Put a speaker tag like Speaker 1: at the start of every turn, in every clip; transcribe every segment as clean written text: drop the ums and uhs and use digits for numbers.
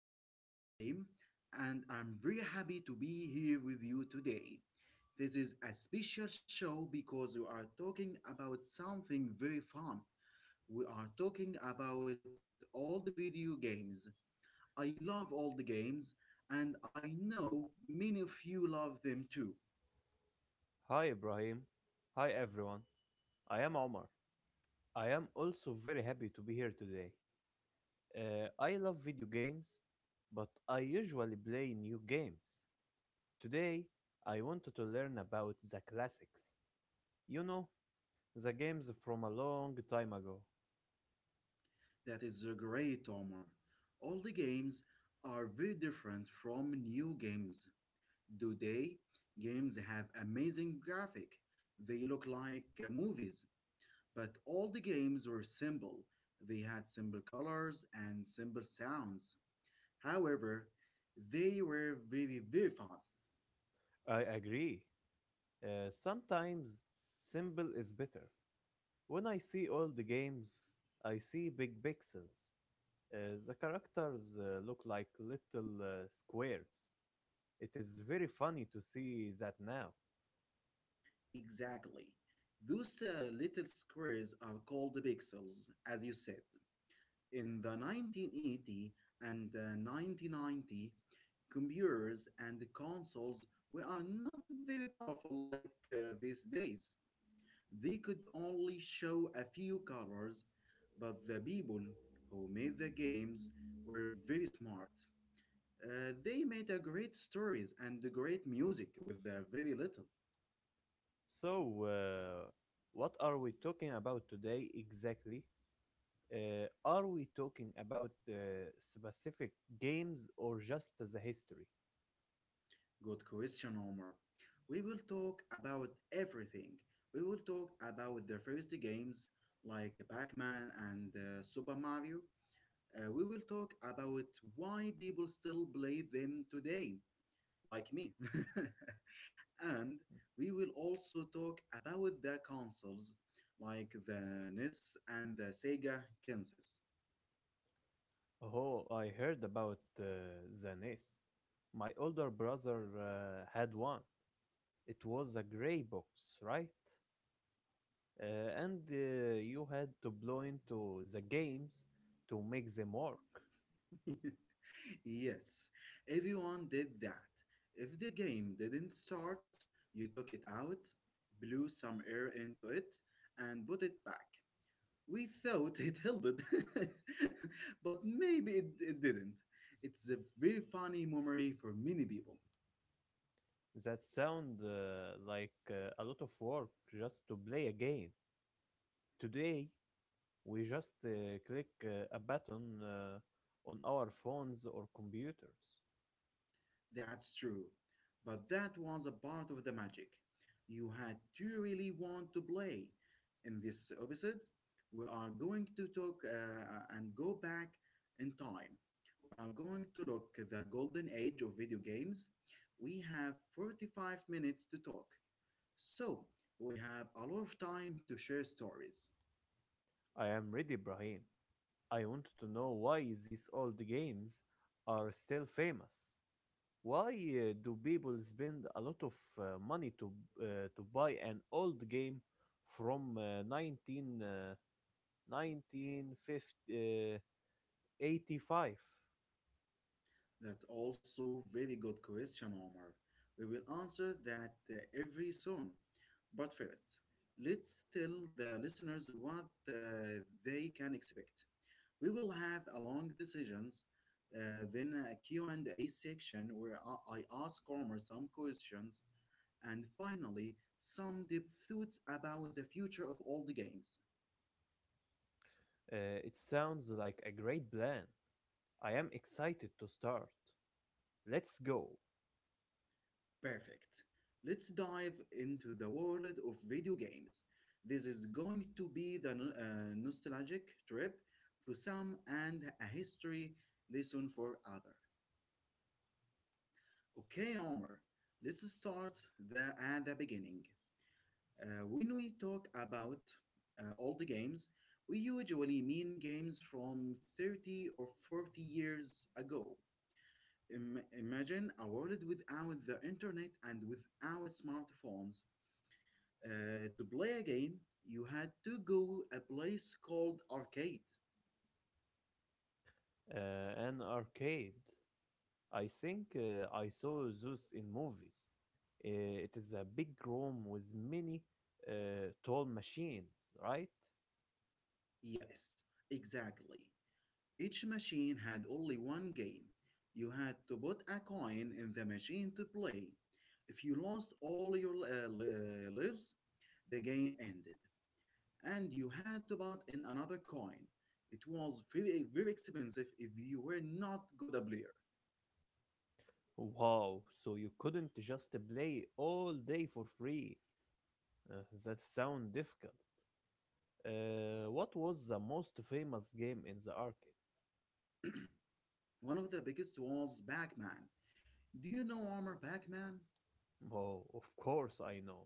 Speaker 1: My name is Ibrahim, and I'm very happy to be here with you today. This is a special show because we are talking about something very fun. We are talking about all the video games. I love all the games, and I know many of you love them too.
Speaker 2: Hi Ibrahim. Hi everyone. I am Omar. I am also very happy to be here today. I love video games, but I usually play new games. Today, I wanted to learn about the classics. You know, the games from a long time ago.
Speaker 1: That is great, Omar. All the games are very different from new games. Today, games have amazing graphic. They look like movies, but all the games were simple. They had simple colors and simple sounds. However, they were very, very fun.
Speaker 2: I agree. Sometimes simple is better. When I see all the games, I see big pixels. The characters look like little squares. It is very funny to see that now.
Speaker 1: Exactly. Those little squares are called pixels, as you said. In the 1980 and 1990, computers and the consoles were are not very powerful like these days. They could only show a few colors, but the people who made the games were very smart. They made a great stories and great music with the very little.
Speaker 2: So, what are we talking about today exactly? Are we talking about specific games or just the history?
Speaker 1: Good question, Omar. We will talk about everything. We will talk about the first games like Pac-Man and Super Mario. We will talk about why people still play them today, like me. And we will also talk about the consoles like the NES and the Sega Genesis.
Speaker 2: Oh, I heard about the NES. My older brother had one. It was a gray box, right? And You had to blow into the games to make them work.
Speaker 1: Yes, everyone did that. If the game didn't start, you took it out, blew some air into it, and put it back. We thought it helped, but maybe it didn't. It's a very funny memory for many people.
Speaker 2: That sound like a lot of work just to play a game. Today, we just click a button on our phones or computers.
Speaker 1: That's true. But that was a part of the magic. You had to really want to play. In this episode, we are going to talk and go back in time. We are going to look at the golden age of video games. We have 45 minutes to talk. So, we have a lot of time to share stories.
Speaker 2: I am ready, Ibrahim. I want to know why these old games are still famous. Why do people spend a lot of money uh, to buy an old game from 19 1985?
Speaker 1: That's also very good question, Omar. We will answer that every soon. But first, let's tell the listeners what they can expect. We will have a long decisions, then a Q&A section where I ask Omar some questions, and finally some deep thoughts about the future of all the games.
Speaker 2: It sounds like a great plan. I am excited to start. Let's go.
Speaker 1: Perfect. Let's dive into the world of video games. This is going to be the nostalgic trip for some and a history lesson for others. Okay, Omar, let's start at the beginning. When we talk about old games, we usually mean games from 30 or 40 years ago. Imagine a world without the internet and without smartphones. To play a game, you had to go a place called arcade.
Speaker 2: Uh, an arcade. I think I saw Zeus in movies. It is a big room with many tall machines, right?
Speaker 1: Yes, exactly. Each machine had only one game. You had to put a coin in the machine to play. If you lost all your lives, the game ended, and you had to put in another coin. It was very, very expensive if you were not good a player.
Speaker 2: Wow, so you couldn't just play all day for free. That sounds difficult. What was the most famous game in the arcade?
Speaker 1: One of the biggest was Pac-Man. Do you know Armor Pac-Man?
Speaker 2: Oh, of course I know.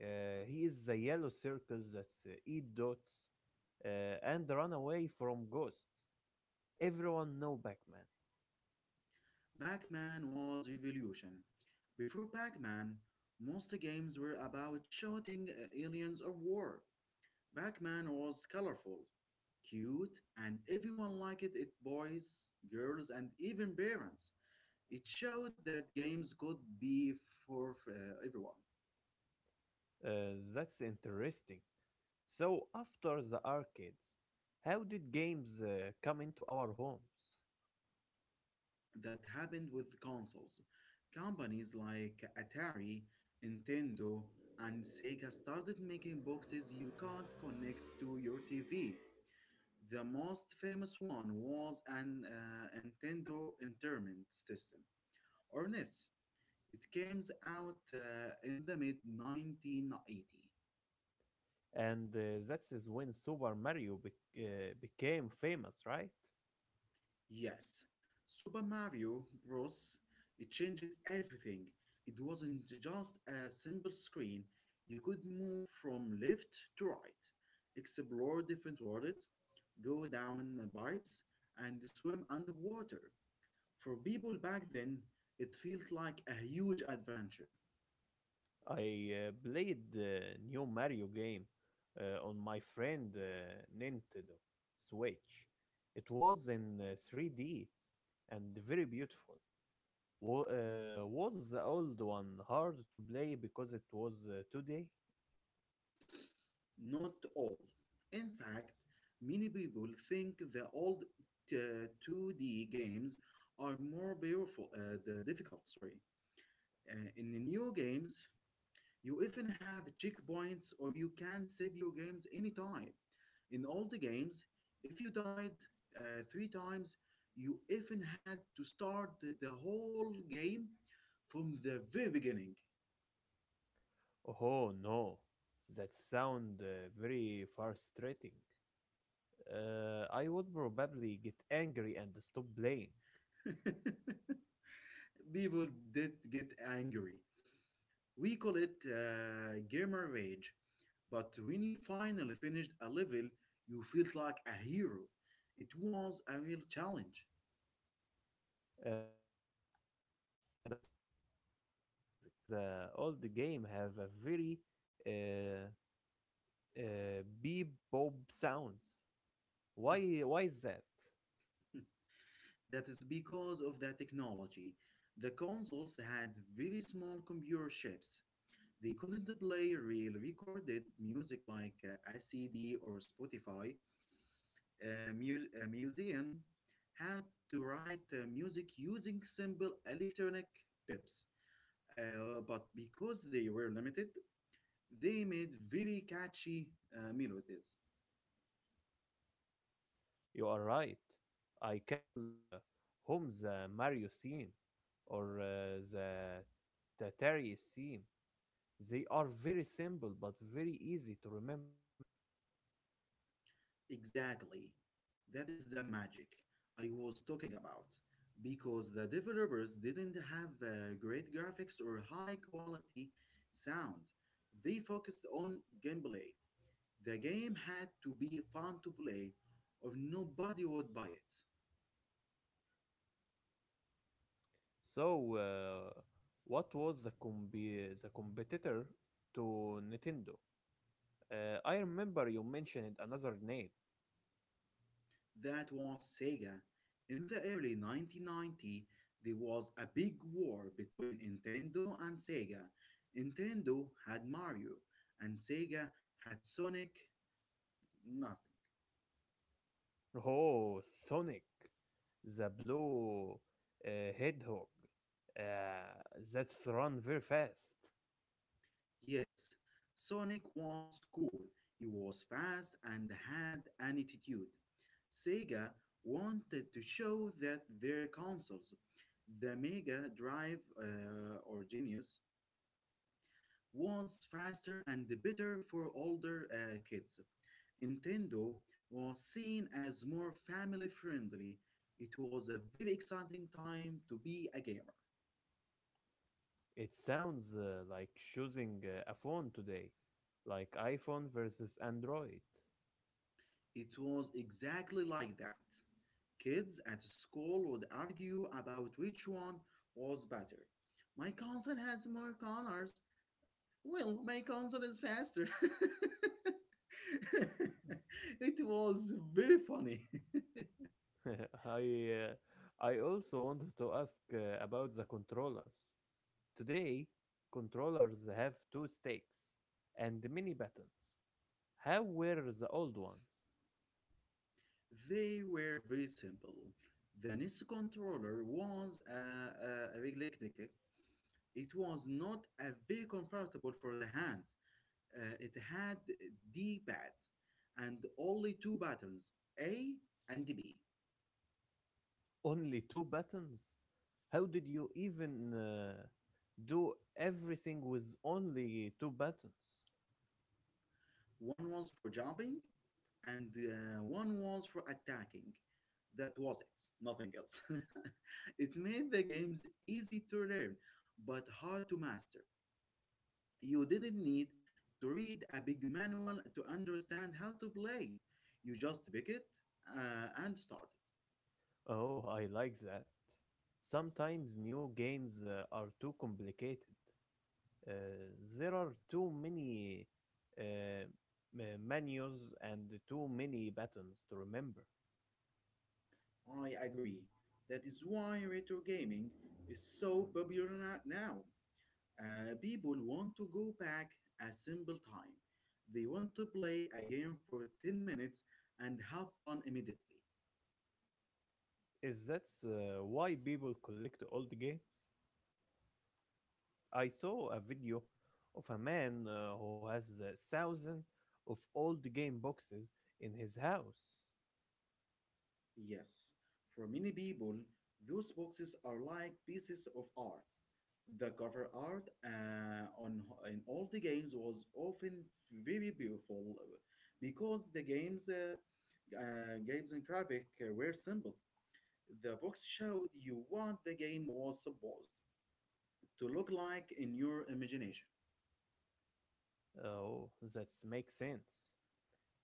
Speaker 2: He is the yellow circle that eat dots uh, and run away from ghosts. Everyone know Pac-Man.
Speaker 1: Pac-Man was revolution. Before Pac-Man, most games were about shooting aliens or war. Pac-Man was colorful, cute, and everyone liked it: boys, girls, and even parents. It showed that games could be for everyone.
Speaker 2: That's interesting. So after the arcades, how did games come into our homes?
Speaker 1: That happened with consoles. Companies like Atari, Nintendo, and Sega started making boxes you can't connect to your TV. The most famous one was an Nintendo Entertainment System, or NES. It came out in the mid 1980.
Speaker 2: And that is when Super Mario became famous, right?
Speaker 1: Yes, Super Mario Bros. It changed everything. It wasn't just a simple screen. You could move from left to right, explore different worlds, go down pipes, and swim underwater. For people back then, it felt like a huge adventure.
Speaker 2: I played the new Mario game on my friend Nintendo Switch. It was in 3D and very beautiful. Wa- was the old one hard to play because it was today?
Speaker 1: Not all. In fact, many people think the old 2D games are more beautiful, the difficult, sorry. In the new games, you even have checkpoints or you can save your games anytime. In all the games, if you died three times, you even had to start the whole game from the very beginning.
Speaker 2: Oh no, that sound very frustrating. I would probably get angry and stop playing.
Speaker 1: People did get angry. We call it gamer rage. But when you finally finished a level, you felt like a hero. It was a real challenge.
Speaker 2: Brahim, what about the music? I noticed the old game have a very uh, bebop sounds. Why? Why is that?
Speaker 1: That is because of the technology. The consoles had very small computer chips. They couldn't play real recorded music like a CD or Spotify. Museum had to write music using simple electronic pips. But because they were limited, they made very catchy melodies.
Speaker 2: You are right. I can still hum the Mario theme or the Tatari theme. They are very simple but very easy to remember.
Speaker 1: Exactly. That is the magic I was talking about. Because the developers didn't have great graphics or high quality sound, they focused on gameplay. The game had to be fun to play, or nobody would buy it.
Speaker 2: So what was the competitor to Nintendo? I remember you mentioned another name.
Speaker 1: That was Sega. In the early 1990, there was a big war between Nintendo and Sega. Nintendo had Mario, and Sega had Sonic. Nothing.
Speaker 2: Oh, Sonic, the blue uh, hedgehog. That's run very fast.
Speaker 1: Yes, Sonic was cool. He was fast and had an attitude. Sega wanted to show that their consoles, the Mega Drive or Genius, was faster and better for older kids. Nintendo was seen as more family friendly. It was a very exciting time to be a gamer.
Speaker 2: It sounds like choosing a phone today, like iPhone versus Android.
Speaker 1: It was exactly like that. Kids at school would argue about which one was better. My console has more colors. Well, my console is faster. It was very funny.
Speaker 2: I uh, I also wanted to ask about the controllers. Today, controllers have two sticks and many buttons. How were the old ones?
Speaker 1: They were very simple. The NES controller was a big electric. It was not a very comfortable for the hands. It had D-pad and only two buttons, A and B.
Speaker 2: Only two buttons? How did you even do everything with only two buttons?
Speaker 1: One was for jumping, and one was for attacking. That was it, nothing else. It made the games easy to learn, but hard to master. You didn't need to read a big manual to understand how to play. You just pick it and start
Speaker 2: Oh, I like that. Sometimes new games are too complicated. Uh, there are too many uh, m- menus and too many buttons to remember.
Speaker 1: it. I agree. That is why retro gaming is so popular now. People want to go back a simple time. They want to play a game for 10 minutes and have fun immediately.
Speaker 2: Is that why people collect old games? I saw a video of a man who has a thousand of old game boxes in his house.
Speaker 1: Yes, for many people, those boxes are like pieces of art. The cover art on in all the games was often very beautiful because the games and graphic were simple. The box showed you what the game was supposed to look like in your imagination.
Speaker 2: Oh, that makes sense.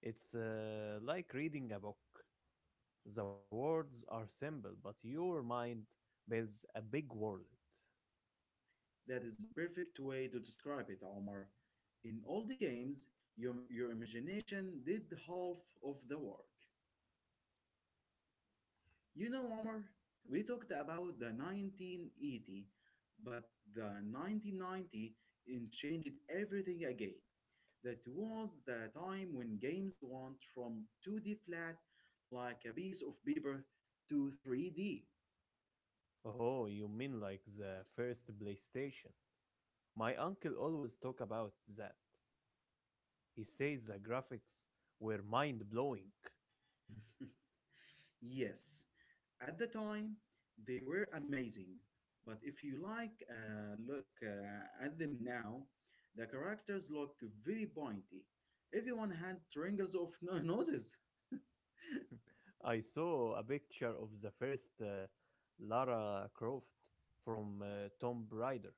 Speaker 2: It's like reading a book. The words are simple, but your mind builds a big world.
Speaker 1: That is perfect way to describe it, Omar. In all the games, your imagination did half of the work. You know, Omar, we talked about the 1980, but the 1990 in changed everything again. That was the time when games went from 2D flat, like a piece of paper, to 3D.
Speaker 2: Oh, you mean like the first PlayStation? My uncle always talk about that. He says the graphics were mind blowing.
Speaker 1: Yes, at the time they were amazing, but if you like look at them now, the characters look very pointy. Everyone had triangles of No- noses.
Speaker 2: I saw a picture of the first Lara Croft from Tomb Raider.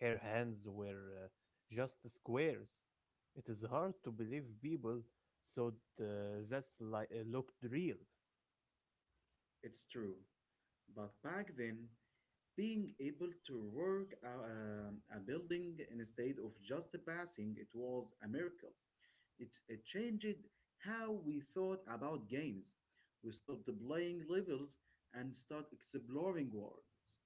Speaker 2: Her hands were just squares. It is hard to believe people thought uh, looked real.
Speaker 1: It's true. But back then, being able to work a building instead of just passing it was a miracle. It changed how we thought about games. We stopped playing levels and start exploring worlds.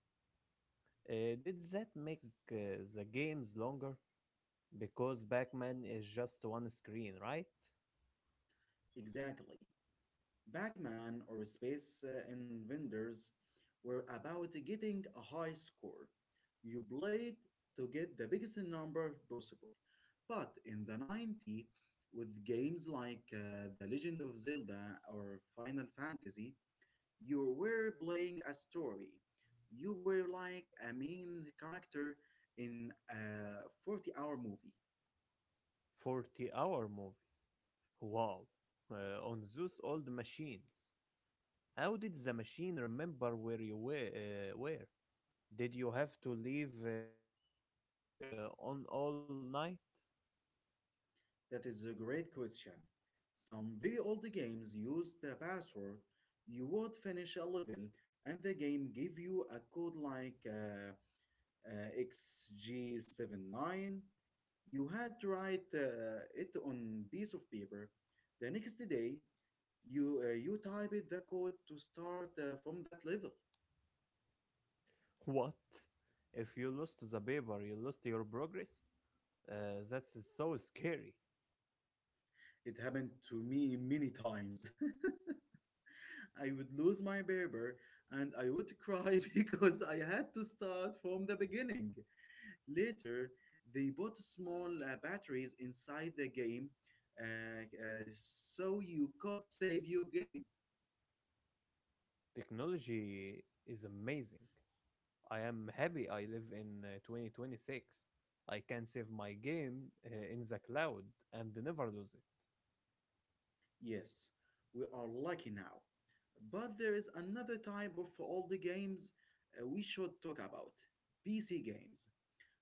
Speaker 2: Did that make uh, the games longer? Because Pac-Man is just one screen, right?
Speaker 1: Exactly. Pac-Man or Space Invaders were about getting a high score. You played to get the biggest number possible. But in the 90s, with games like The Legend of Zelda or Final Fantasy, you were playing a story. You were like a main character in a 40-hour movie.
Speaker 2: 40-hour movie. Wow. On those old machines. How did the machine remember where you were? Where? Did you have to leave it turned on all night?
Speaker 1: That is a great question. Some very old games use the password. You would finish a level, and the game give you a code like XG79. You had to write it on piece of paper. The next day, you type it the code to start from that level.
Speaker 2: What? If you lost the paper, you lost your progress? That's so scary.
Speaker 1: It happened to me many times. I would lose my barber, and I would cry because I had to start from the beginning. Later, they bought small batteries inside the game uh, so you could save your game.
Speaker 2: Technology is amazing. I am happy I live in 2026. I can save my game in the cloud and never lose it,
Speaker 1: Yes, we are lucky now. But there is another type of old games we should talk about PC games.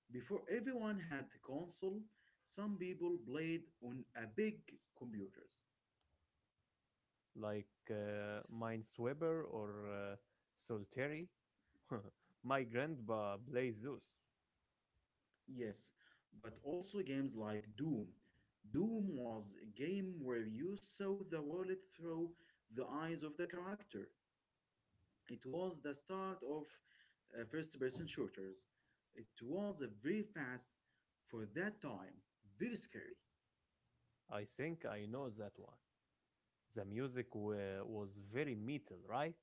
Speaker 1: Before everyone had console, some people played on a big computers.
Speaker 2: like Minesweeper or Solitary. My grandpa plays Zeus.
Speaker 1: Yes, but also games like Doom. Doom was a game where you saw the world through the eyes of the character. It was the start of first person shooters. It was a very fast for that time, very scary.
Speaker 2: I think I know that one. The music was very metal, right?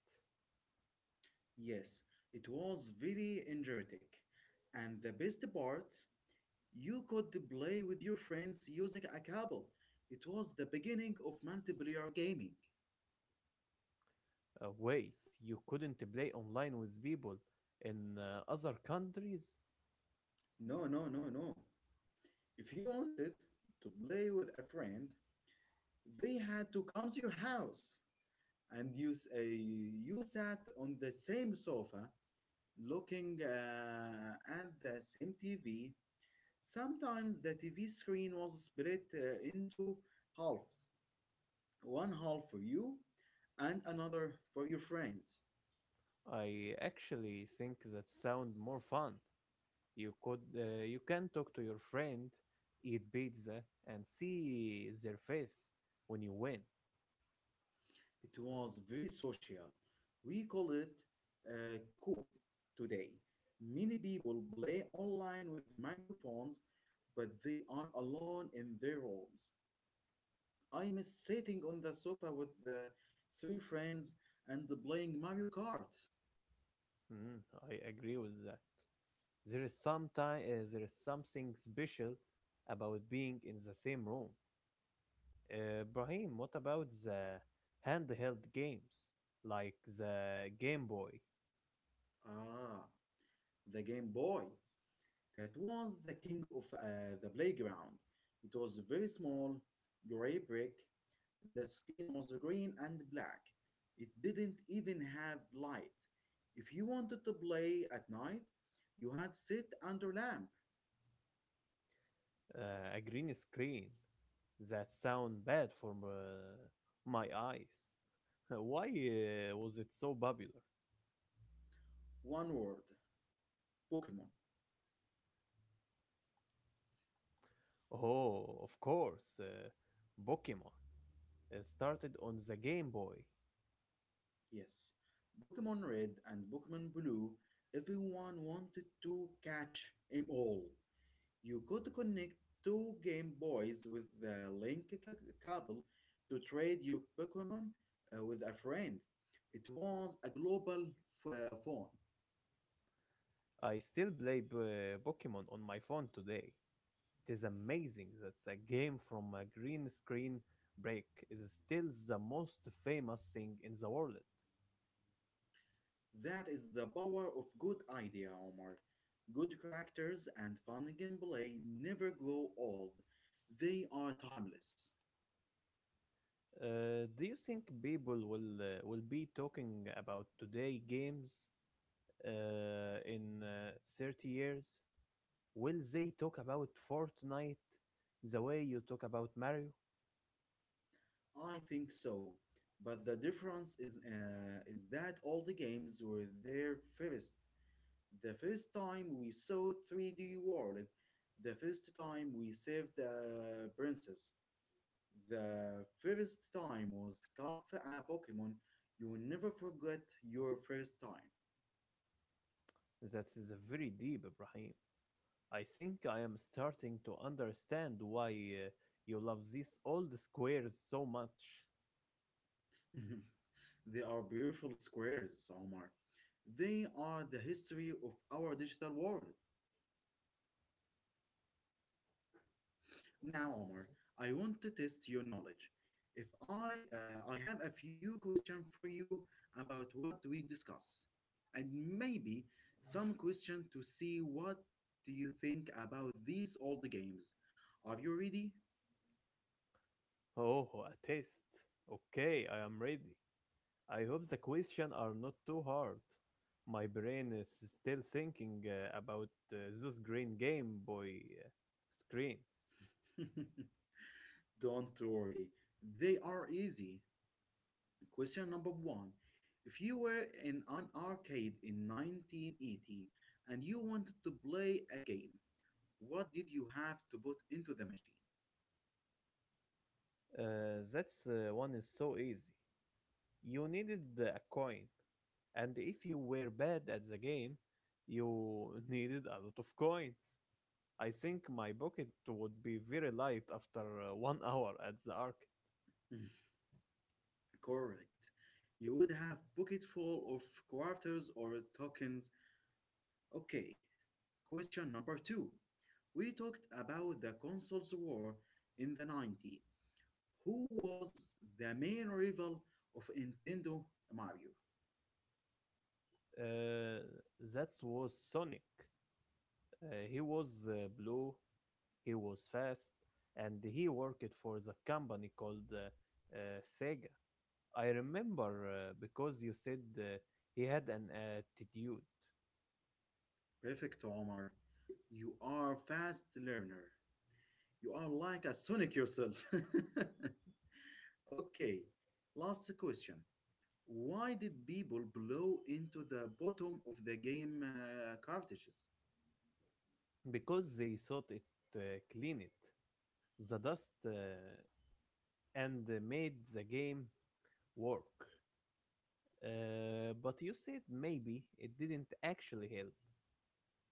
Speaker 1: Yes, it was very energetic. And the best part, you could play with your friends using a cable. It was the beginning of multiplayer gaming.
Speaker 2: Wait, you couldn't play online with people in other countries?
Speaker 1: No, no, no, no. If you wanted to play with a friend, they had to come to your house, and you sat on the same sofa, looking at the same TV. Sometimes the TV screen was split into halves, one half for you, and another for your friend.
Speaker 2: I actually think that sound more fun. You could you can talk to your friend, eat pizza, and see their face when you win.
Speaker 1: It was very social. We call it a coop today. Many people play online with microphones, but they are alone in their rooms. I miss sitting on the sofa with the three friends and playing Mario Kart.
Speaker 2: Mm, I agree with that. There is some time, there is something special about being in the same room. Brahim, what about the handheld games like the Game Boy,
Speaker 1: Ah, the Game Boy. That was the king of the playground. It was very small, gray brick. The screen was green and black. It didn't even have light. If you wanted to play at night, you had sit under lamp.
Speaker 2: a green screen that sound bad for my eyes? Why was it so popular?
Speaker 1: One word Pokemon.
Speaker 2: Oh, of course. Pokemon started on the Game Boy.
Speaker 1: Yes, Pokemon Red and Pokemon Blue. Everyone wanted to catch 'em all. You could connect two Game Boys with the cable to trade your Pokemon with a friend. It was a global phone.
Speaker 2: I still play Pokemon on my phone today. It is amazing that a game from a green screen break is still the most famous thing in the world.
Speaker 1: That is the power of good idea, Omar. Good characters and fun gameplay never grow old. They are timeless.
Speaker 2: Do you think people will be talking about today games in 30 years? Will they talk about Fortnite the way you talk about Mario?
Speaker 1: I think so. But the difference is that all the games were there first. The first time we saw 3D World, the first time we saved the princess, the first time was Scarf a Pokemon. You'll never forget your first time.
Speaker 2: That is very deep, Ibrahim. I think I am starting to understand why you love these old squares so much.
Speaker 1: They are beautiful squares, Omar. They are the history of our digital world. Now, Omar, I want to test your knowledge. If I I have a few questions for you about what we discuss, and maybe some question to see what do you think about these old games. Are you ready?
Speaker 2: Oh, a test. Okay, I am ready. I hope the questions are not too hard. My brain is still thinking about those green Game Boy screens.
Speaker 1: Don't worry, they are easy. Question number one: If you were in an arcade in 1980 and you wanted to play a game, what did you have to put into the machine?
Speaker 2: That's one is so easy. You needed a coin, and if you were bad at the game, you needed a lot of coins. I think my pocket would be very light after one hour at the arc.
Speaker 1: Correct. You would have pocket full of quarters or tokens. Okay, question number two. We talked about the consoles war in the 90s. Who was the main rival of Nintendo Mario?
Speaker 2: Uh, that was Sonic. He was blue, he was fast, and he worked for the company called Sega. I remember because you said he had an attitude,
Speaker 1: Perfect, Omar. You are fast learner. You are like a Sonic yourself. Okay, last question. Why did people blow into the bottom of the game cartridges?
Speaker 2: because they thought it clean it. The dust and made the game work. But you said maybe it didn't actually help.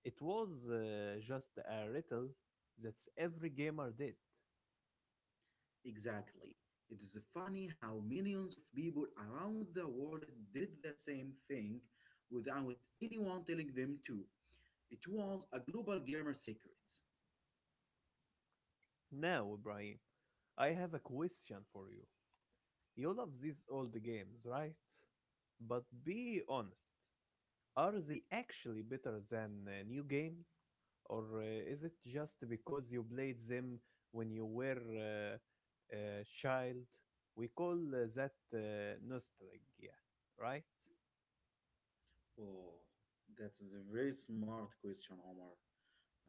Speaker 2: It was just a riddle that's every gamer did.
Speaker 1: Exactly. It is funny how millions of people around the world did the same thing without anyone telling them to. It was a global gamer secret.
Speaker 2: Now, Ibrahim, I have a question for you. You love these old games, right? But be honest. Are they actually better than new games? Or is it just because you played them when you were a child? We call that nostalgia, right?
Speaker 1: Oh, that is a very smart question, Omar.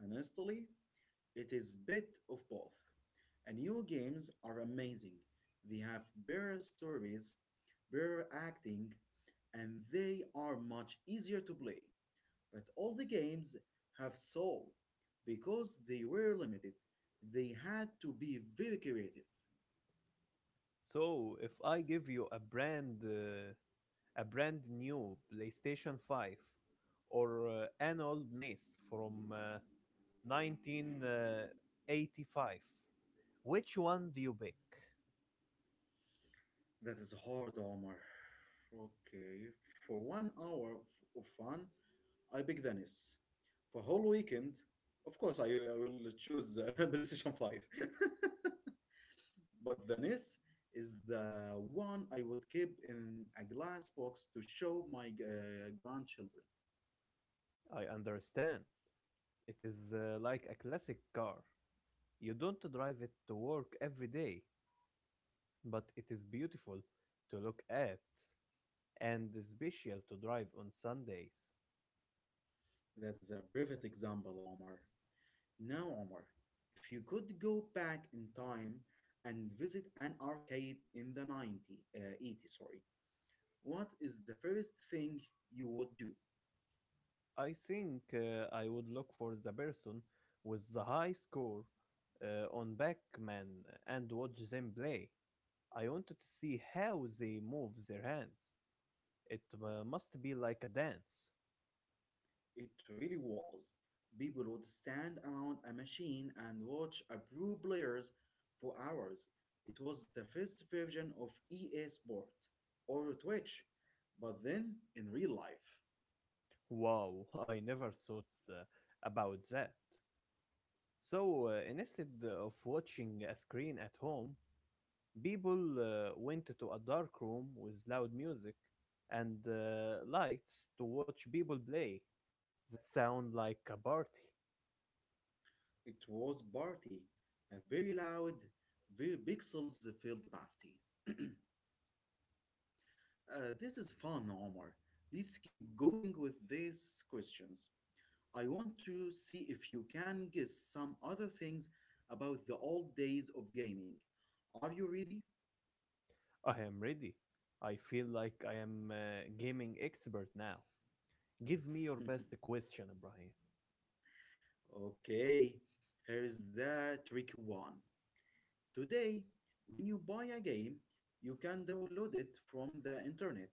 Speaker 1: Honestly, it is bit of both. And new games are amazing. They have better stories, better acting, and they are much easier to play. But all the games have soul. Because they were limited, they had to be very creative.
Speaker 2: So if I give you a brand new PlayStation 5 or an old NES from 1985, which one do you pick?
Speaker 1: That is hard, Omar. Okay, for of fun, I pick Venice. For whole weekend, of course, I will choose PlayStation 5. But Venice is the one I would keep in a glass box to show my grandchildren.
Speaker 2: I understand. It is like a classic car. You don't drive it to work every day, but it is beautiful to look at and special to drive on some days.
Speaker 1: That is a perfect example, Omar. Now, Omar, if you could go back in time and visit an arcade in the 80, sorry, what is the first thing you would do?
Speaker 2: I think I would look for the person with the high score on Backman and watch them play. I wanted to see how they move their hands. It must be like a dance.
Speaker 1: It really was. People would stand around a machine and watch a pro players for hours. It was the first version of EA Sport or Twitch, but then in real life.
Speaker 2: Wow, I never thought about that. So instead of watching a screen at home, people went to a dark room with loud music and lights to watch people play. That sound like a party.
Speaker 1: It was party, a very loud, very pixels filled party. This is fun, Omar. Let's keep going with these questions. I want to see if you can guess some other things about the old days of gaming. Are you ready?
Speaker 2: I am ready. I feel like I am a gaming expert now. Give me your best question, Ibrahim.
Speaker 1: Okay, here's the tricky one. Today, when you buy a game, you can download it from the internet.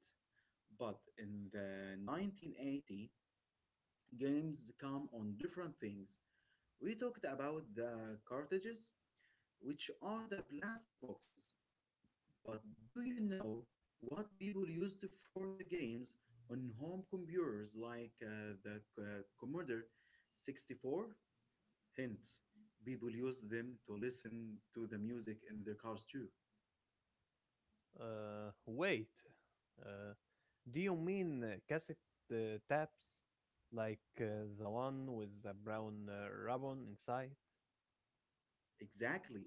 Speaker 1: But in the 1980, games come on different things. We talked about the cartridges, which are the plastic boxes. But do you know what people used for the games on home computers like the Commodore 64? Hint, people used them to listen to the music in their cars too.
Speaker 2: Wait. Uh, do you mean cassette taps? Like the one with the brown ribbon inside?
Speaker 1: Exactly,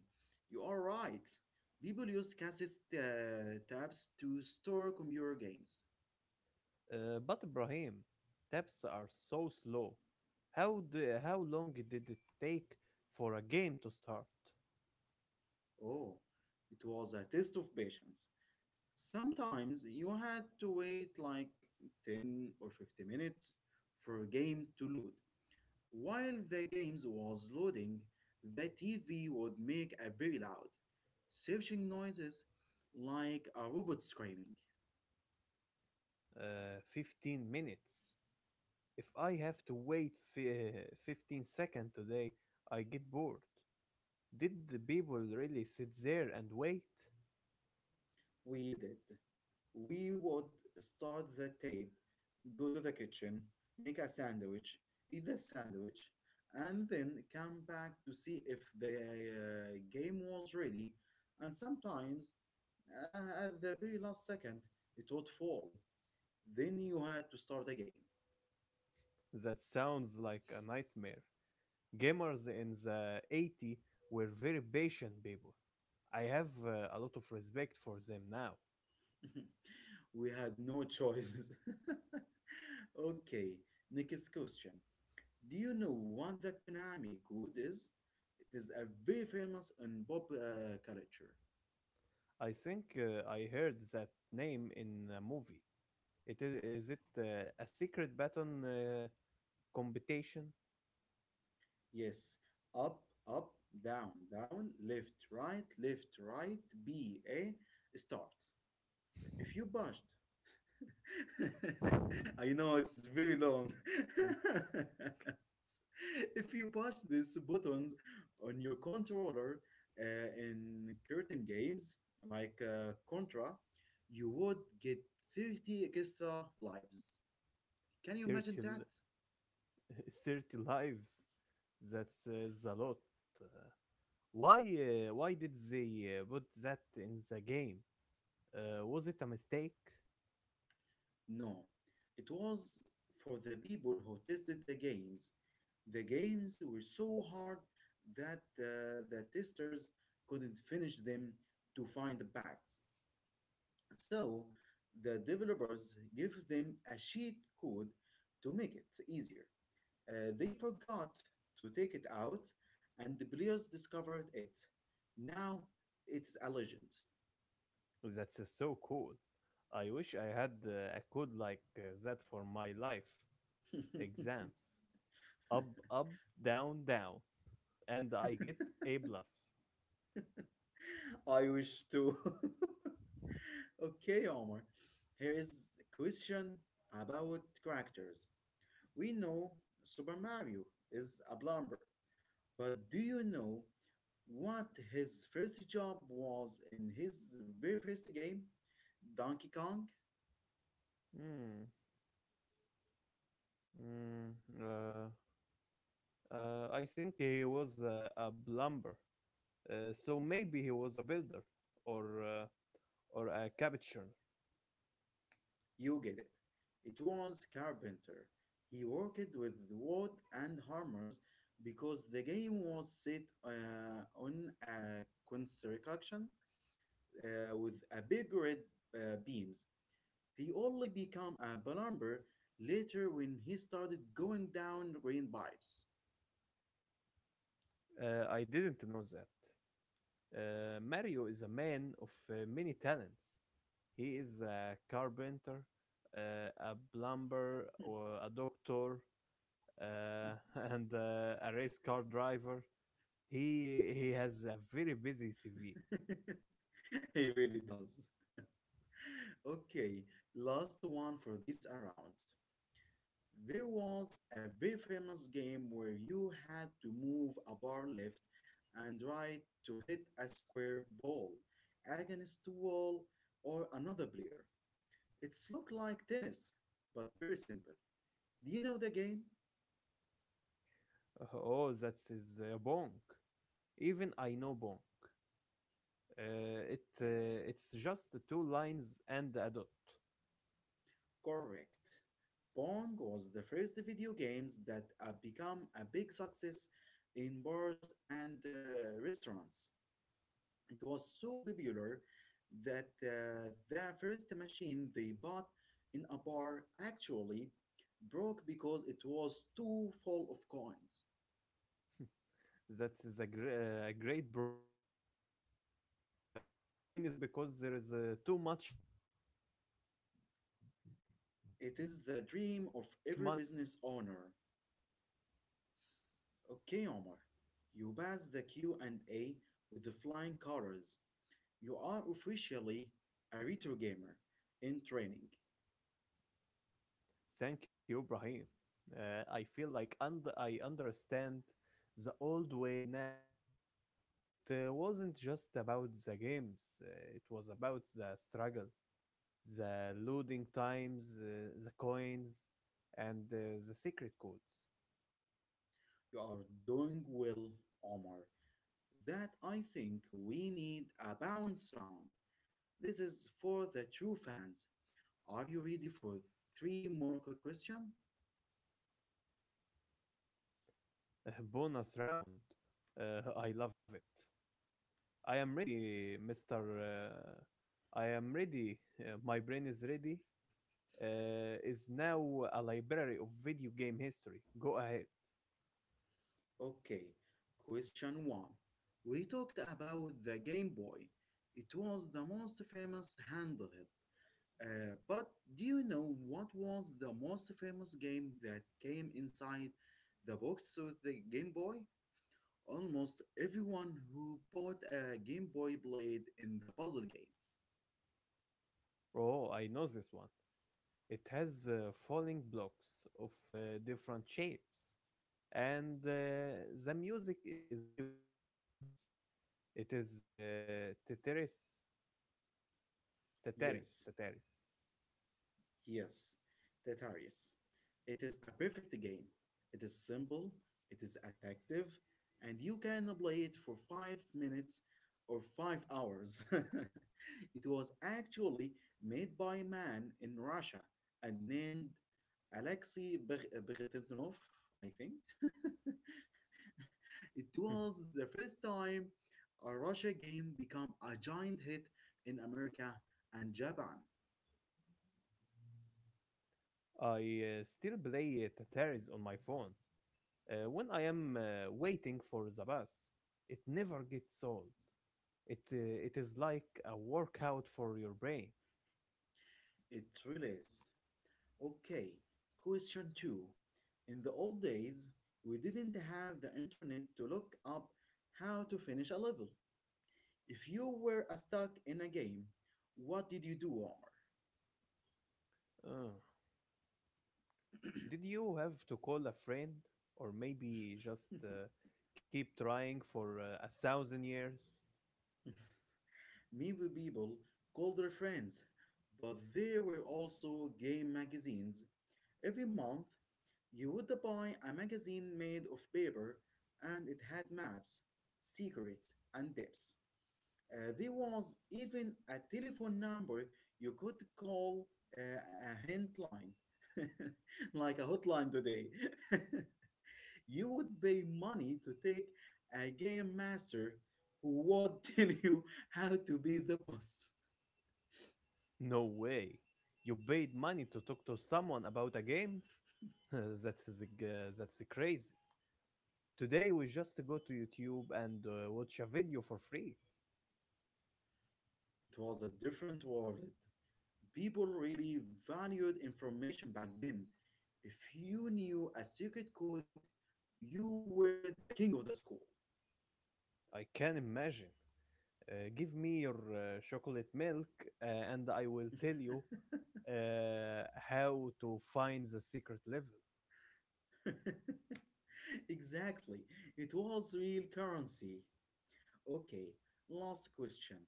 Speaker 1: you are right. People used cassette tabs to store computer games.
Speaker 2: But Ibrahim, taps are so slow. How do, how long did it take for a game to start?
Speaker 1: Oh, it was a test of patience. Sometimes you had to wait like 10 or 50 minutes for a game to load. While the games was loading, the TV would make a very loud, searching noises like a robot screaming.
Speaker 2: 15 minutes. If I have to wait 15 seconds today, I get bored. Did the people really sit there and wait?
Speaker 1: We did. We would start the tape, go to the kitchen, make a sandwich, eat the sandwich, and then come back to see if the game was ready. And sometimes at the very last second, it would fall. Then you had to start again.
Speaker 2: That sounds like a nightmare. Gamers in the 80 were very patient people. I have a lot of respect for them now.
Speaker 1: We had no choices. Okay, next question. Do you know what the Konami code is? It is a very famous and pop culture.
Speaker 2: I think I heard that name in a movie. It is it a secret baton competition?
Speaker 1: Yes, up, up, down, down, left, right, B, A, start. If you pushed I know it's very long.
Speaker 2: Mm.
Speaker 1: If you push these buttons on your controller in certain games like Contra, you would get 30 extra lives. Can you imagine
Speaker 2: 30,
Speaker 1: that?
Speaker 2: li- 30 lives. That's is a lot. Uh, why why did they put that in the game? Was it a mistake?
Speaker 1: No. It was for the people who tested the games. The games were so hard that the testers couldn't finish them to find the bugs. So the developers give them a cheat code to make it easier. They forgot to take it out, and the players discovered it. Now it's a legend.
Speaker 2: That's so cool. I wish I had a code like that for my life exams. Up, up, down, down, and I get A plus.
Speaker 1: I wish to. Okay, Omar. Here is a question about characters. We know Super Mario is a plumber, but do you know what his first job was in his very first game? Donkey Kong?
Speaker 2: Hmm. Mm, uh, I think he was a plumber, so maybe he was a builder or uh, or a carpenter.
Speaker 1: You get it. It was carpenter. He worked with wood and hammers because the game was set on a construction with a big red beams. He only became a plumber later when he started going down green pipes.
Speaker 2: I didn't know that. Mario is a man of many talents. He is a carpenter, uh, a plumber, or a doctor, and a race car driver. He has a very busy CV.
Speaker 1: He really does. Okay, last one for this round. There was a very famous game where you had to move a bar left and right to hit a square ball against a wall or another player. It's looked like tennis, but very simple. Do you know the game?
Speaker 2: Oh, that's his bonk. Even I know bonk. It it's just two lines and a dot.
Speaker 1: Correct. Pong was the first video games that become a big success in bars and restaurants. It was so popular that the first machine they bought in a bar actually broke because it was too full of coins.
Speaker 2: That is a, a great problem to have. My machine is broken because there is too much money inside.
Speaker 1: It is the dream of every business owner. Okay, Omar, you pass the Q and A with the flying colors. You are officially a retro gamer in training.
Speaker 2: Thank you, Brahim. I feel like I understand the old way now. It wasn't just about the games, it was about the struggle, the loading times, the coins, and the secret codes.
Speaker 1: You are doing well, Omar. That I think we need a bounce round. This is for the true fans. Are you ready for three more quick questions?
Speaker 2: Bonus round. I love it. I am ready, Mr. I am ready. My brain is ready. Is now a library of video game history. Go ahead.
Speaker 1: Okay, question one. We talked about the Game Boy. It was the most famous handheld. But do you know what was the most famous game that came inside the box with the Game Boy? Almost everyone who bought a Game Boy played in the puzzle game.
Speaker 2: Oh, I know this one. It has falling blocks of different shapes, and the music is very, very famous. It is Tetris, Tetris,
Speaker 1: Yes,
Speaker 2: Tetris.
Speaker 1: Yes, Tetris. It is a perfect game. It is simple, it is addictive, and you can play it for 5 minutes or 5 hours. It was actually made by a man in Russia and named Alexei Beg- Bertenov, I think. It was the first time a Russia game became a giant hit in America and Japan.
Speaker 2: I still play Tetris on my phone, when I am waiting for the bus, it never gets old. It uh, it is like a workout for your brain.
Speaker 1: It really is. Okay, question two. In the old days, we didn't have the internet to look up how to finish a level. If you were stuck in a game, what did you do, Omar?
Speaker 2: Uh, did you have to call a friend, or maybe just keep trying for a thousand years?
Speaker 1: Maybe people called their friends, but there were also game magazines. Every month, you would buy a magazine made of paper and it had maps, secrets, and tips. There was even a telephone number you could call a hotline, like a hotline today. You would pay money to take a game master who would tell you how to be the boss.
Speaker 2: No way. You paid money to talk to someone about a game. That's crazy. Today we just go to YouTube and watch a video for free.
Speaker 1: It was a different world. People really valued information back then. If you knew a secret code, you were the king of the school.
Speaker 2: I can imagine. Give me your chocolate milk, and I will tell you uh, how to find the secret level.
Speaker 1: Exactly. It was real currency. Okay, last question.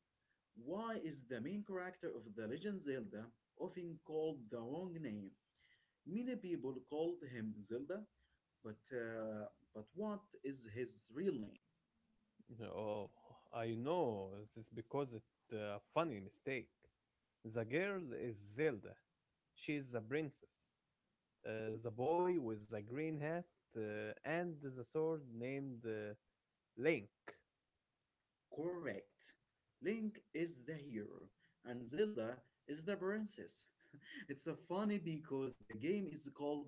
Speaker 1: Why is the main character of The Legend Zelda often called the wrong name? Many people called him Zelda, but uh, but what is his real name?
Speaker 2: Oh, I know this because it's a funny mistake. The girl is Zelda. She is the princess. The boy with the green hat and the sword named Link.
Speaker 1: Correct. Link is the hero and Zelda is the princess. It's a funny because the game is called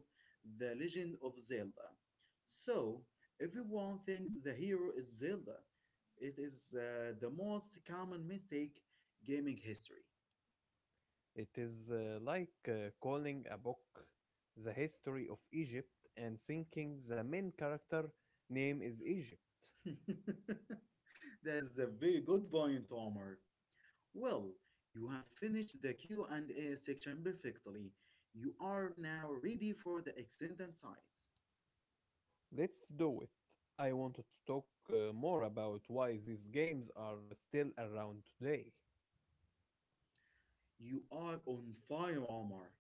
Speaker 1: The Legend of Zelda. So, everyone thinks the hero is Zelda. It is the most common mistake gaming history.
Speaker 2: It is like calling a book The History of Egypt and thinking the main character name is Egypt.
Speaker 1: That is a very good point, Omar. Well, you have finished the Q&A section perfectly. You are now ready for the extended side.
Speaker 2: Let's do it. I wanted to talk more about why these games are still around today.
Speaker 1: You are on fire, Omar.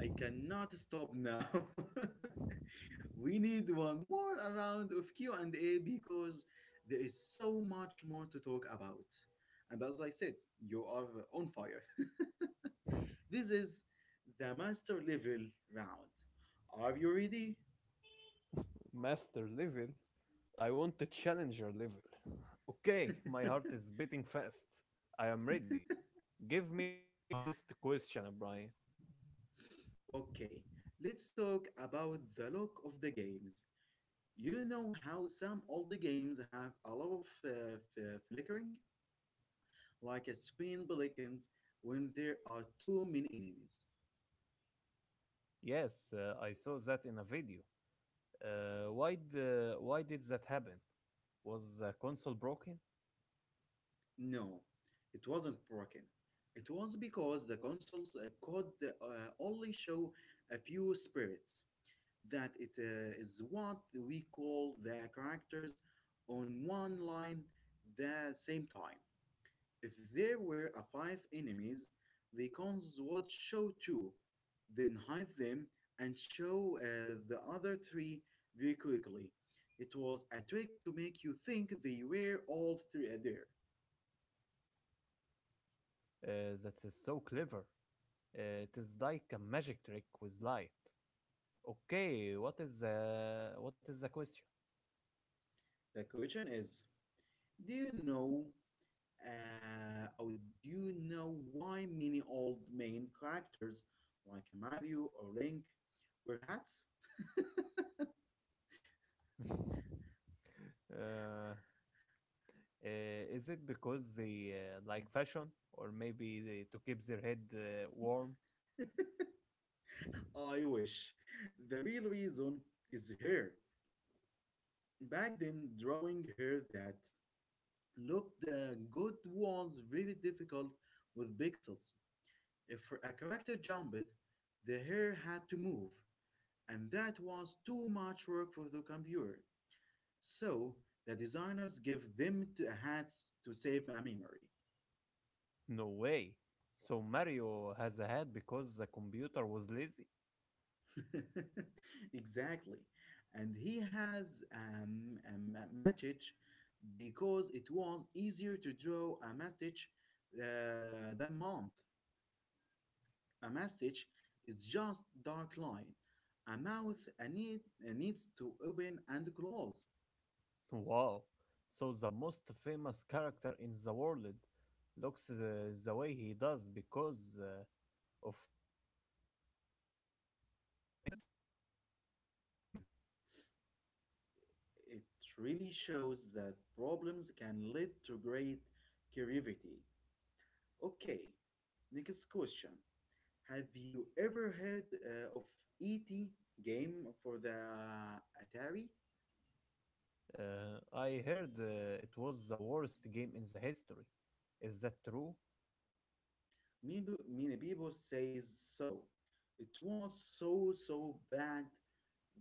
Speaker 1: I cannot stop now. We need one more round of Q&A because there is so much more to talk about. And as I said, you are on fire. This is the master level round. Are you ready?
Speaker 2: Master Levin, I want to challenger level. Okay, my heart is beating fast. I am ready. Give me your hardest question, Brian.
Speaker 1: Okay, let's talk about the look of the games. You know how some older games have a lot of flickering? Like a screen beacons when there are too many enemies.
Speaker 2: Yes, I saw that in a video. Why did that happen? Was the console broken?
Speaker 1: No, it wasn't broken. It was because the consoles could only show a few spirits. That it is what we call the characters on one line the same time. If there were a five enemies, the cons would show two, then hide them and show the other three very quickly. It was a trick to make you think they were all three are there.
Speaker 2: That is so clever. It is like a magic trick with light. Okay, what is the question?
Speaker 1: The question is, do you know uh, or do you know why many old main characters like Mario or Link wear hats?
Speaker 2: Uh, Uh, is it because they like fashion or maybe to keep their head warm?
Speaker 1: I wish. The real reason is here. Back then, drawing hair that looked good was very difficult with pixels. If a character jumped, the hair had to move, and that was too much work for the computer. So the designers give them to hats to save a memory.
Speaker 2: No way. So Mario has a hat because the computer was lazy?
Speaker 1: Exactly, and he has a message because it was easier to draw a message than month. A message is just dark line. A mouth a need, a needs to open and close.
Speaker 2: Wow. So the most famous character in the world looks the way he does because of technical problems? That is amazing.
Speaker 1: It really shows that problems can lead to great creativity. Okay, next question. Have you ever heard of ET game for the Atari?
Speaker 2: I heard it was the worst game in the history. Is that true?
Speaker 1: Many people say so. It was so bad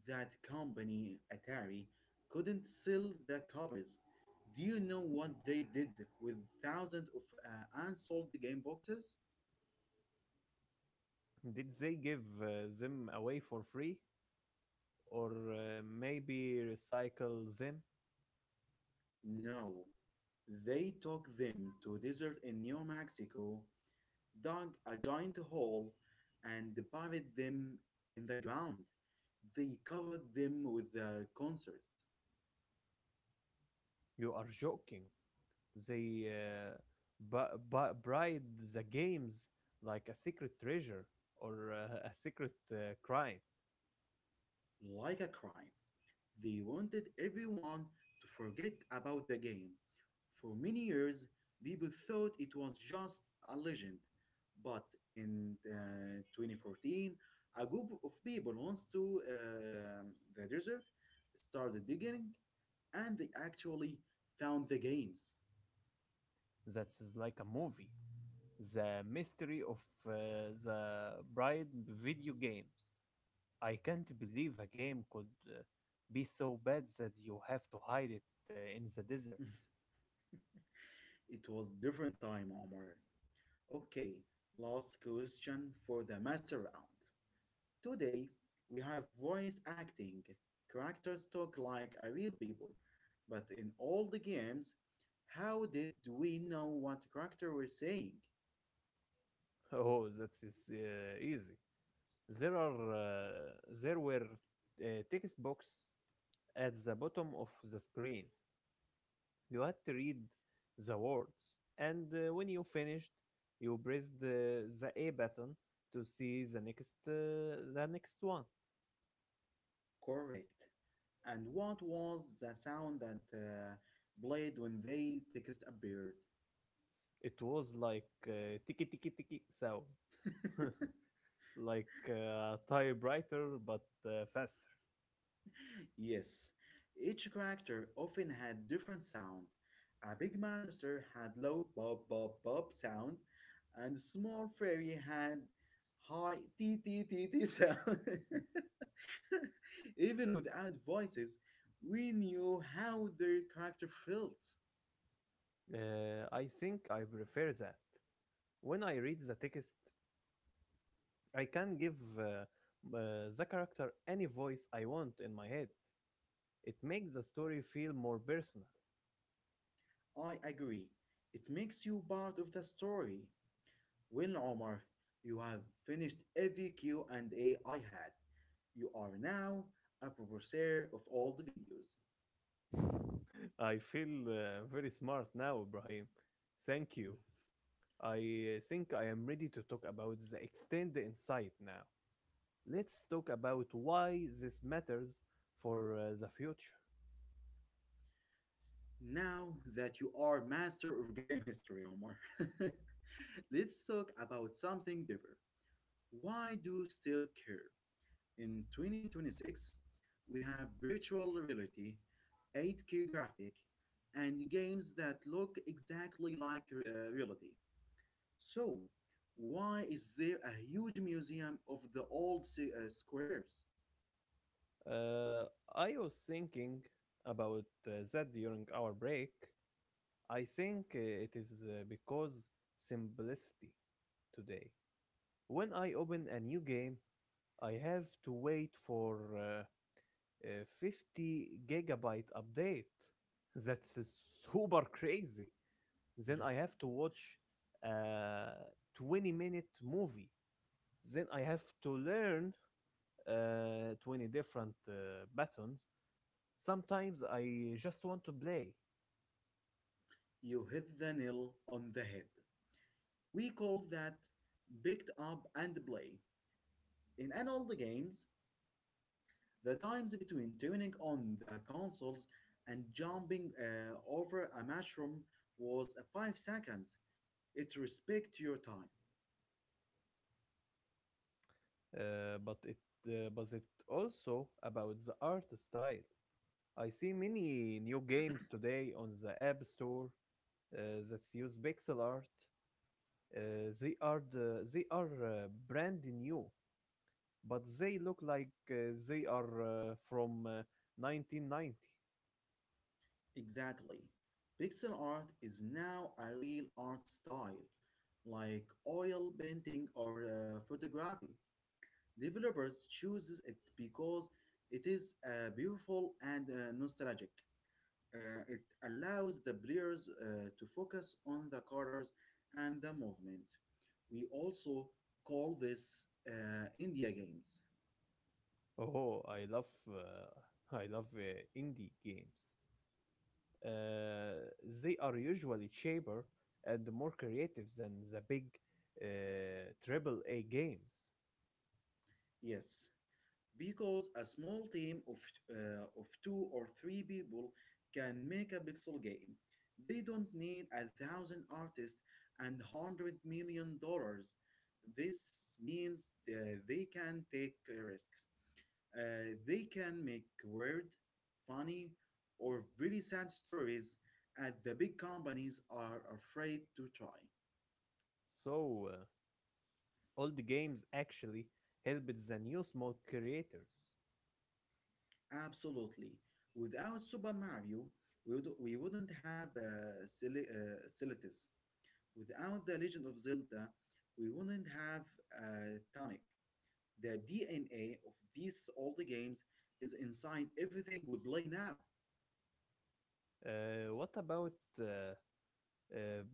Speaker 1: that company, Atari, couldn't sell the copies. Do you know what they did with thousands of unsold game boxes?
Speaker 2: Did they give them away for free? Or maybe recycle them?
Speaker 1: No. They took them to a desert in New Mexico, dug a giant hole, and buried them in the ground. They covered them with a concert,
Speaker 2: You are joking. They bride the games like a secret treasure or a secret crime.
Speaker 1: like a crime. They wanted everyone to forget about the game. For many years, people thought it was just a legend. But in 2014, a group of people wants to the desert, started digging, and they actually found the games.
Speaker 2: That's like a movie. The mystery of the bride video games. I can't believe a game could be so bad that you have to hide it in the desert.
Speaker 1: It was different time, Omar. Okay, last question for the master round. Today, we have voice acting. Characters talk like a real people. But in all the games, how did we know what character were saying?
Speaker 2: Oh, that is easy. There are uh, there were text box at the bottom of the screen. You had to read the words, and when you finished, you pressed the A button to see the next one.
Speaker 1: Correct. And what was the sound that played when they text appeared?
Speaker 2: It was like tiki tiki tiki sound, like a typewriter but faster.
Speaker 1: Yes, each character often had different sound. A big monster had low bob bob bob sound, and small fairy had high tee tee tee tee sound. Even without voices, we knew how their character felt.
Speaker 2: I think I prefer that. When I read the text, I can give the character any voice I want in my head. It makes the story feel more personal.
Speaker 1: I agree. It makes you part of the story. Well, Omar, you have finished every q and A I had. You are now a professor of all the videos.
Speaker 2: I feel very smart now, Ibrahim. Thank you. I think I am ready to talk about the extended insight now. Let's talk about why this matters for the future.
Speaker 1: Now that you are master of game history, Omar, let's talk about something deeper. Why do still care? In 2026, we have virtual reality, 8K graphic, and games that look exactly like reality. So, why is there a huge museum of the old squares?
Speaker 2: Uh, I was thinking about that during our break. I think it is because simplicity today. When I open a new game, I have to wait for a 50 gigabyte update. That's super crazy. Then I have to watch a 20-minute movie. Then I have to learn 20 different buttons. Sometimes I just want to play,
Speaker 1: You hit the nail on the head. We call that picked up and play. In an old games, the times between turning on the consoles and jumping over a mushroom was 5 seconds. It respect your time.
Speaker 2: uh, but it but it also about the art style. I see many new games today on the App Store uh, that use pixel art. Uh, they are brand new, but they look like they are from 1990.
Speaker 1: Exactly. Pixel art is now a real art style, like oil painting or photography. Developers chooses it because it is beautiful and nostalgic. It allows the players to focus on the colors and the movement. We also call this India games.
Speaker 2: Oh, I love indie games, uh, they are usually cheaper and more creative than the big AAA games.
Speaker 1: Yes, because a small team of 2 or 3 people can make a pixel game. They don't need a thousand artists and $100 million. This means they can take risks. They can make weird, funny, or really sad stories as the big companies are afraid to try.
Speaker 2: So, old games actually helped the new small creators.
Speaker 1: Absolutely. Without Super Mario, we wouldn't have Celitis. Without The Legend of Zelda, we wouldn't have Tonic. The DNA of these old games is inside everything we play now.
Speaker 2: What about uh, uh,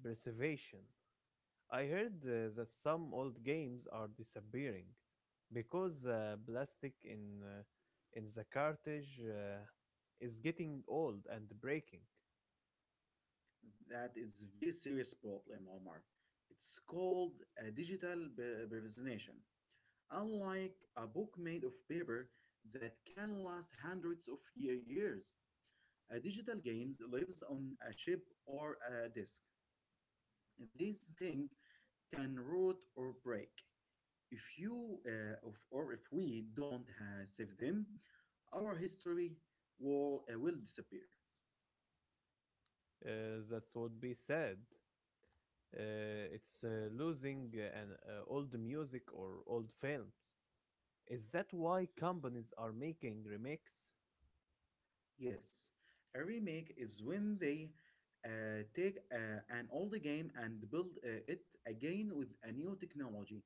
Speaker 2: preservation? I heard that some old games are disappearing because plastic in the cartridge is getting old and breaking.
Speaker 1: That is very serious problem, Omar. It's called a representation. Unlike a book made of paper that can last hundreds of years, a digital games lives on a chip or a disk. This thing can rot or break. If you if, or if we don't save them, our history will disappear.
Speaker 2: That would be sad. It's losing an old music or old films. Is that why companies are making remakes?
Speaker 1: Yes, a remake is when they take an old game and build it again with a new technology.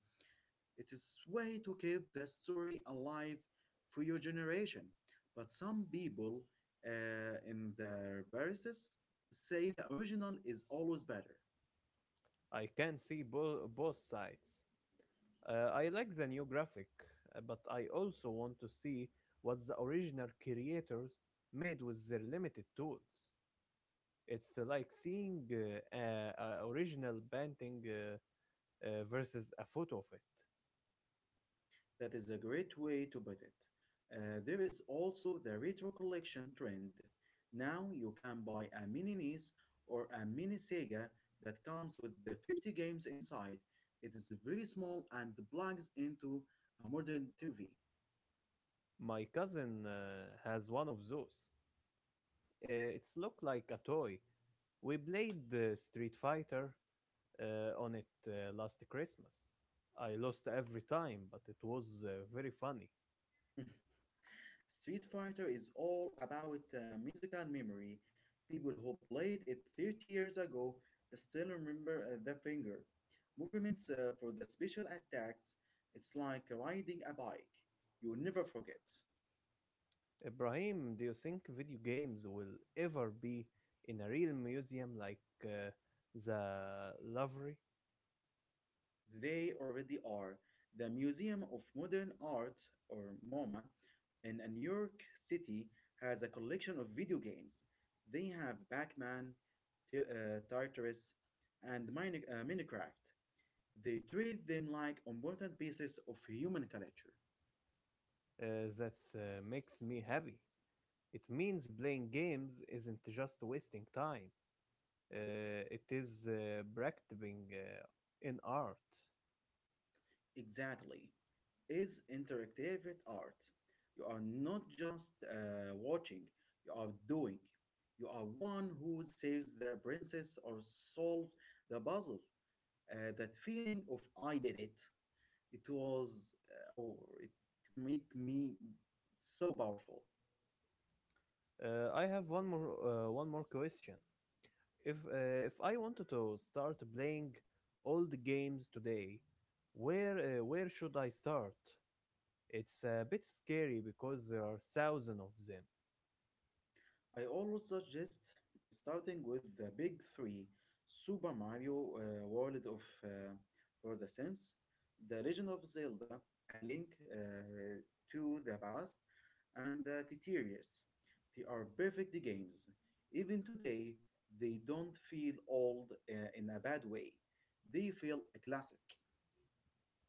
Speaker 1: It's way to keep the story alive for your generation. But some people in their biases say the original is always better.
Speaker 2: I can see bo- both sides. I like the new graphic, but I also want to see what the original creators made with their limited tools. It's like seeing a original painting versus a photo of it.
Speaker 1: That is a great way to put it. There is also the retro collection trend. Now you can buy a mini NES or a mini Sega that comes with the 50 games inside. It is very small and plugs into a modern TV.
Speaker 2: My cousin has one of those. It's looked like a toy. We played the Street Fighter on it last Christmas. I lost every time, but it was very funny.
Speaker 1: Street Fighter is all about musical memory. People who played it 30 years ago still remember the finger movements for the special attacks. It's like riding a bike. You'll never forget.
Speaker 2: Ibrahim, do you think video games will ever be in a real museum like uh, the Louvre?
Speaker 1: They already are. The Museum of Modern Art, or MoMA, in New York City has a collection of video games. They have Pac Man, Tartarus, and Minecraft. They treat them like important pieces of human culture.
Speaker 2: That makes me happy. It means playing games isn't just wasting time. It is practicing in art.
Speaker 1: Exactly. Is interactive art. You are not just watching, you are doing. You are one who saves the princess or solves the puzzle. That feeling of I did it. It make me so powerful.
Speaker 2: I have one more question. If I wanted to start playing old games today, where should I start? It's a bit scary because there are thousands of them.
Speaker 1: I always suggest starting with the big three Super Mario World of for the Sense, The Legend of Zelda, A Link to the Past, and the Tetris. They are perfect games. Even today, they don't feel old in a bad way. They feel a classic.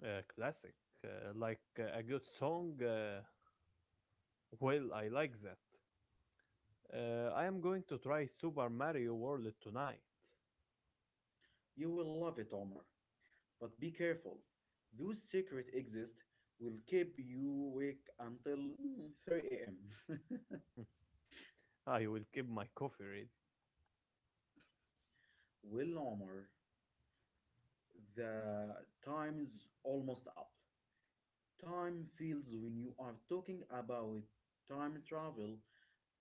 Speaker 2: Classic, like a good song. Well, I like that. I am going to try Super Mario World tonight.
Speaker 1: You will love it, Omar. But be careful. Those secret exits will keep you awake until 3 a.m.
Speaker 2: I will keep my coffee ready.
Speaker 1: Well, Omar, the time is almost up. Time feels when you are talking about time travel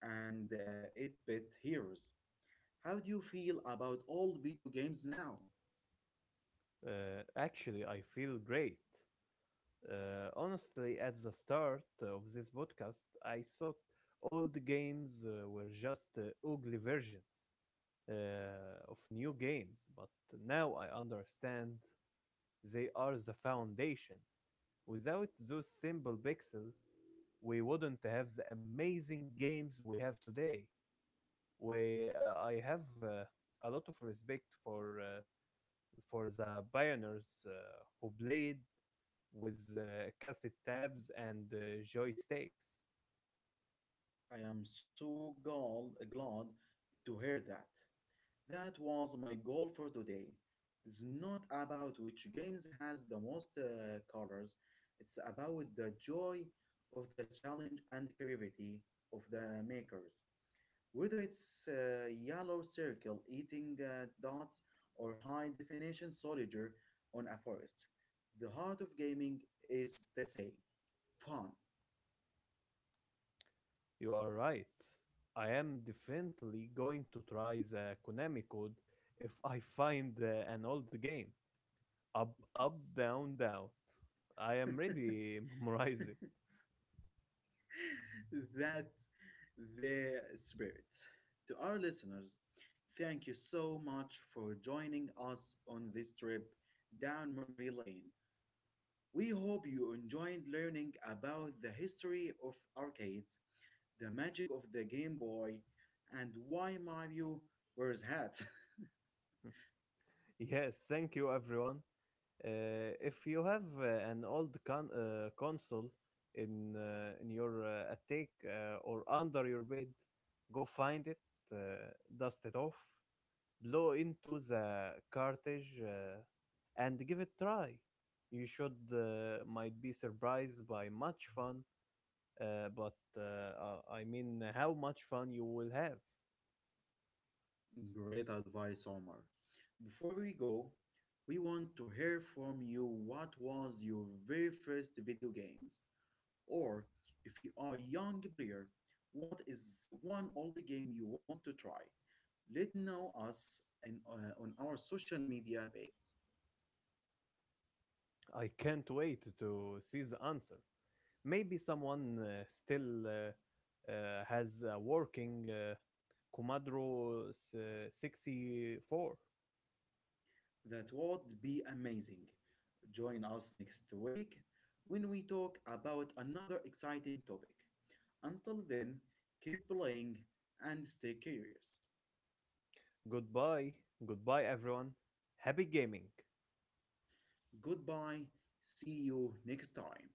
Speaker 1: and 8-bit heroes. How do you feel about all video games now?
Speaker 2: Actually, I feel great. Honestly, at the start of this podcast, I thought all the games were just ugly versions of new games, but now I understand they are the foundation. Without those simple pixels, we wouldn't have the amazing games we have today. I have a lot of respect for the pioneers who played with cassette tabs and joysticks.
Speaker 1: I am so glad to hear that. That was my goal for today. It's not about which games has the most colors. It's about the joy of the challenge and creativity of the makers. Whether it's yellow circle eating dots or high definition soldier on a forest, the heart of gaming is the same fun.
Speaker 2: You are right. I am definitely going to try the Konami code if I find an old game. Up, up, down, down. I am ready, memorize it.
Speaker 1: That's the spirit. To our listeners, thank you so much for joining us on this trip down memory lane. We hope you enjoyed learning about the history of arcades, the magic of the Game Boy, and why Mario wears hat.
Speaker 2: Yes, thank you, everyone. If you have an old console in your attic or under your bed, go find it, uh, dust it off, blow into the cartridge, and give it try. You should might be surprised by much fun, but I mean how much fun you will have.
Speaker 1: Great advice, Omar. Before we go, we want to hear from you what was your very first video games? Or if you are a young player, what is one old game you want to try? Let know us on our social media pages.
Speaker 2: I can't wait to see the answer. Maybe someone still has a working Commodore 64.
Speaker 1: That would be amazing. Join us next week when we talk about another exciting topic. Until then, keep playing and stay curious.
Speaker 2: Goodbye. Goodbye, everyone. Happy gaming.
Speaker 1: Goodbye. See you next time.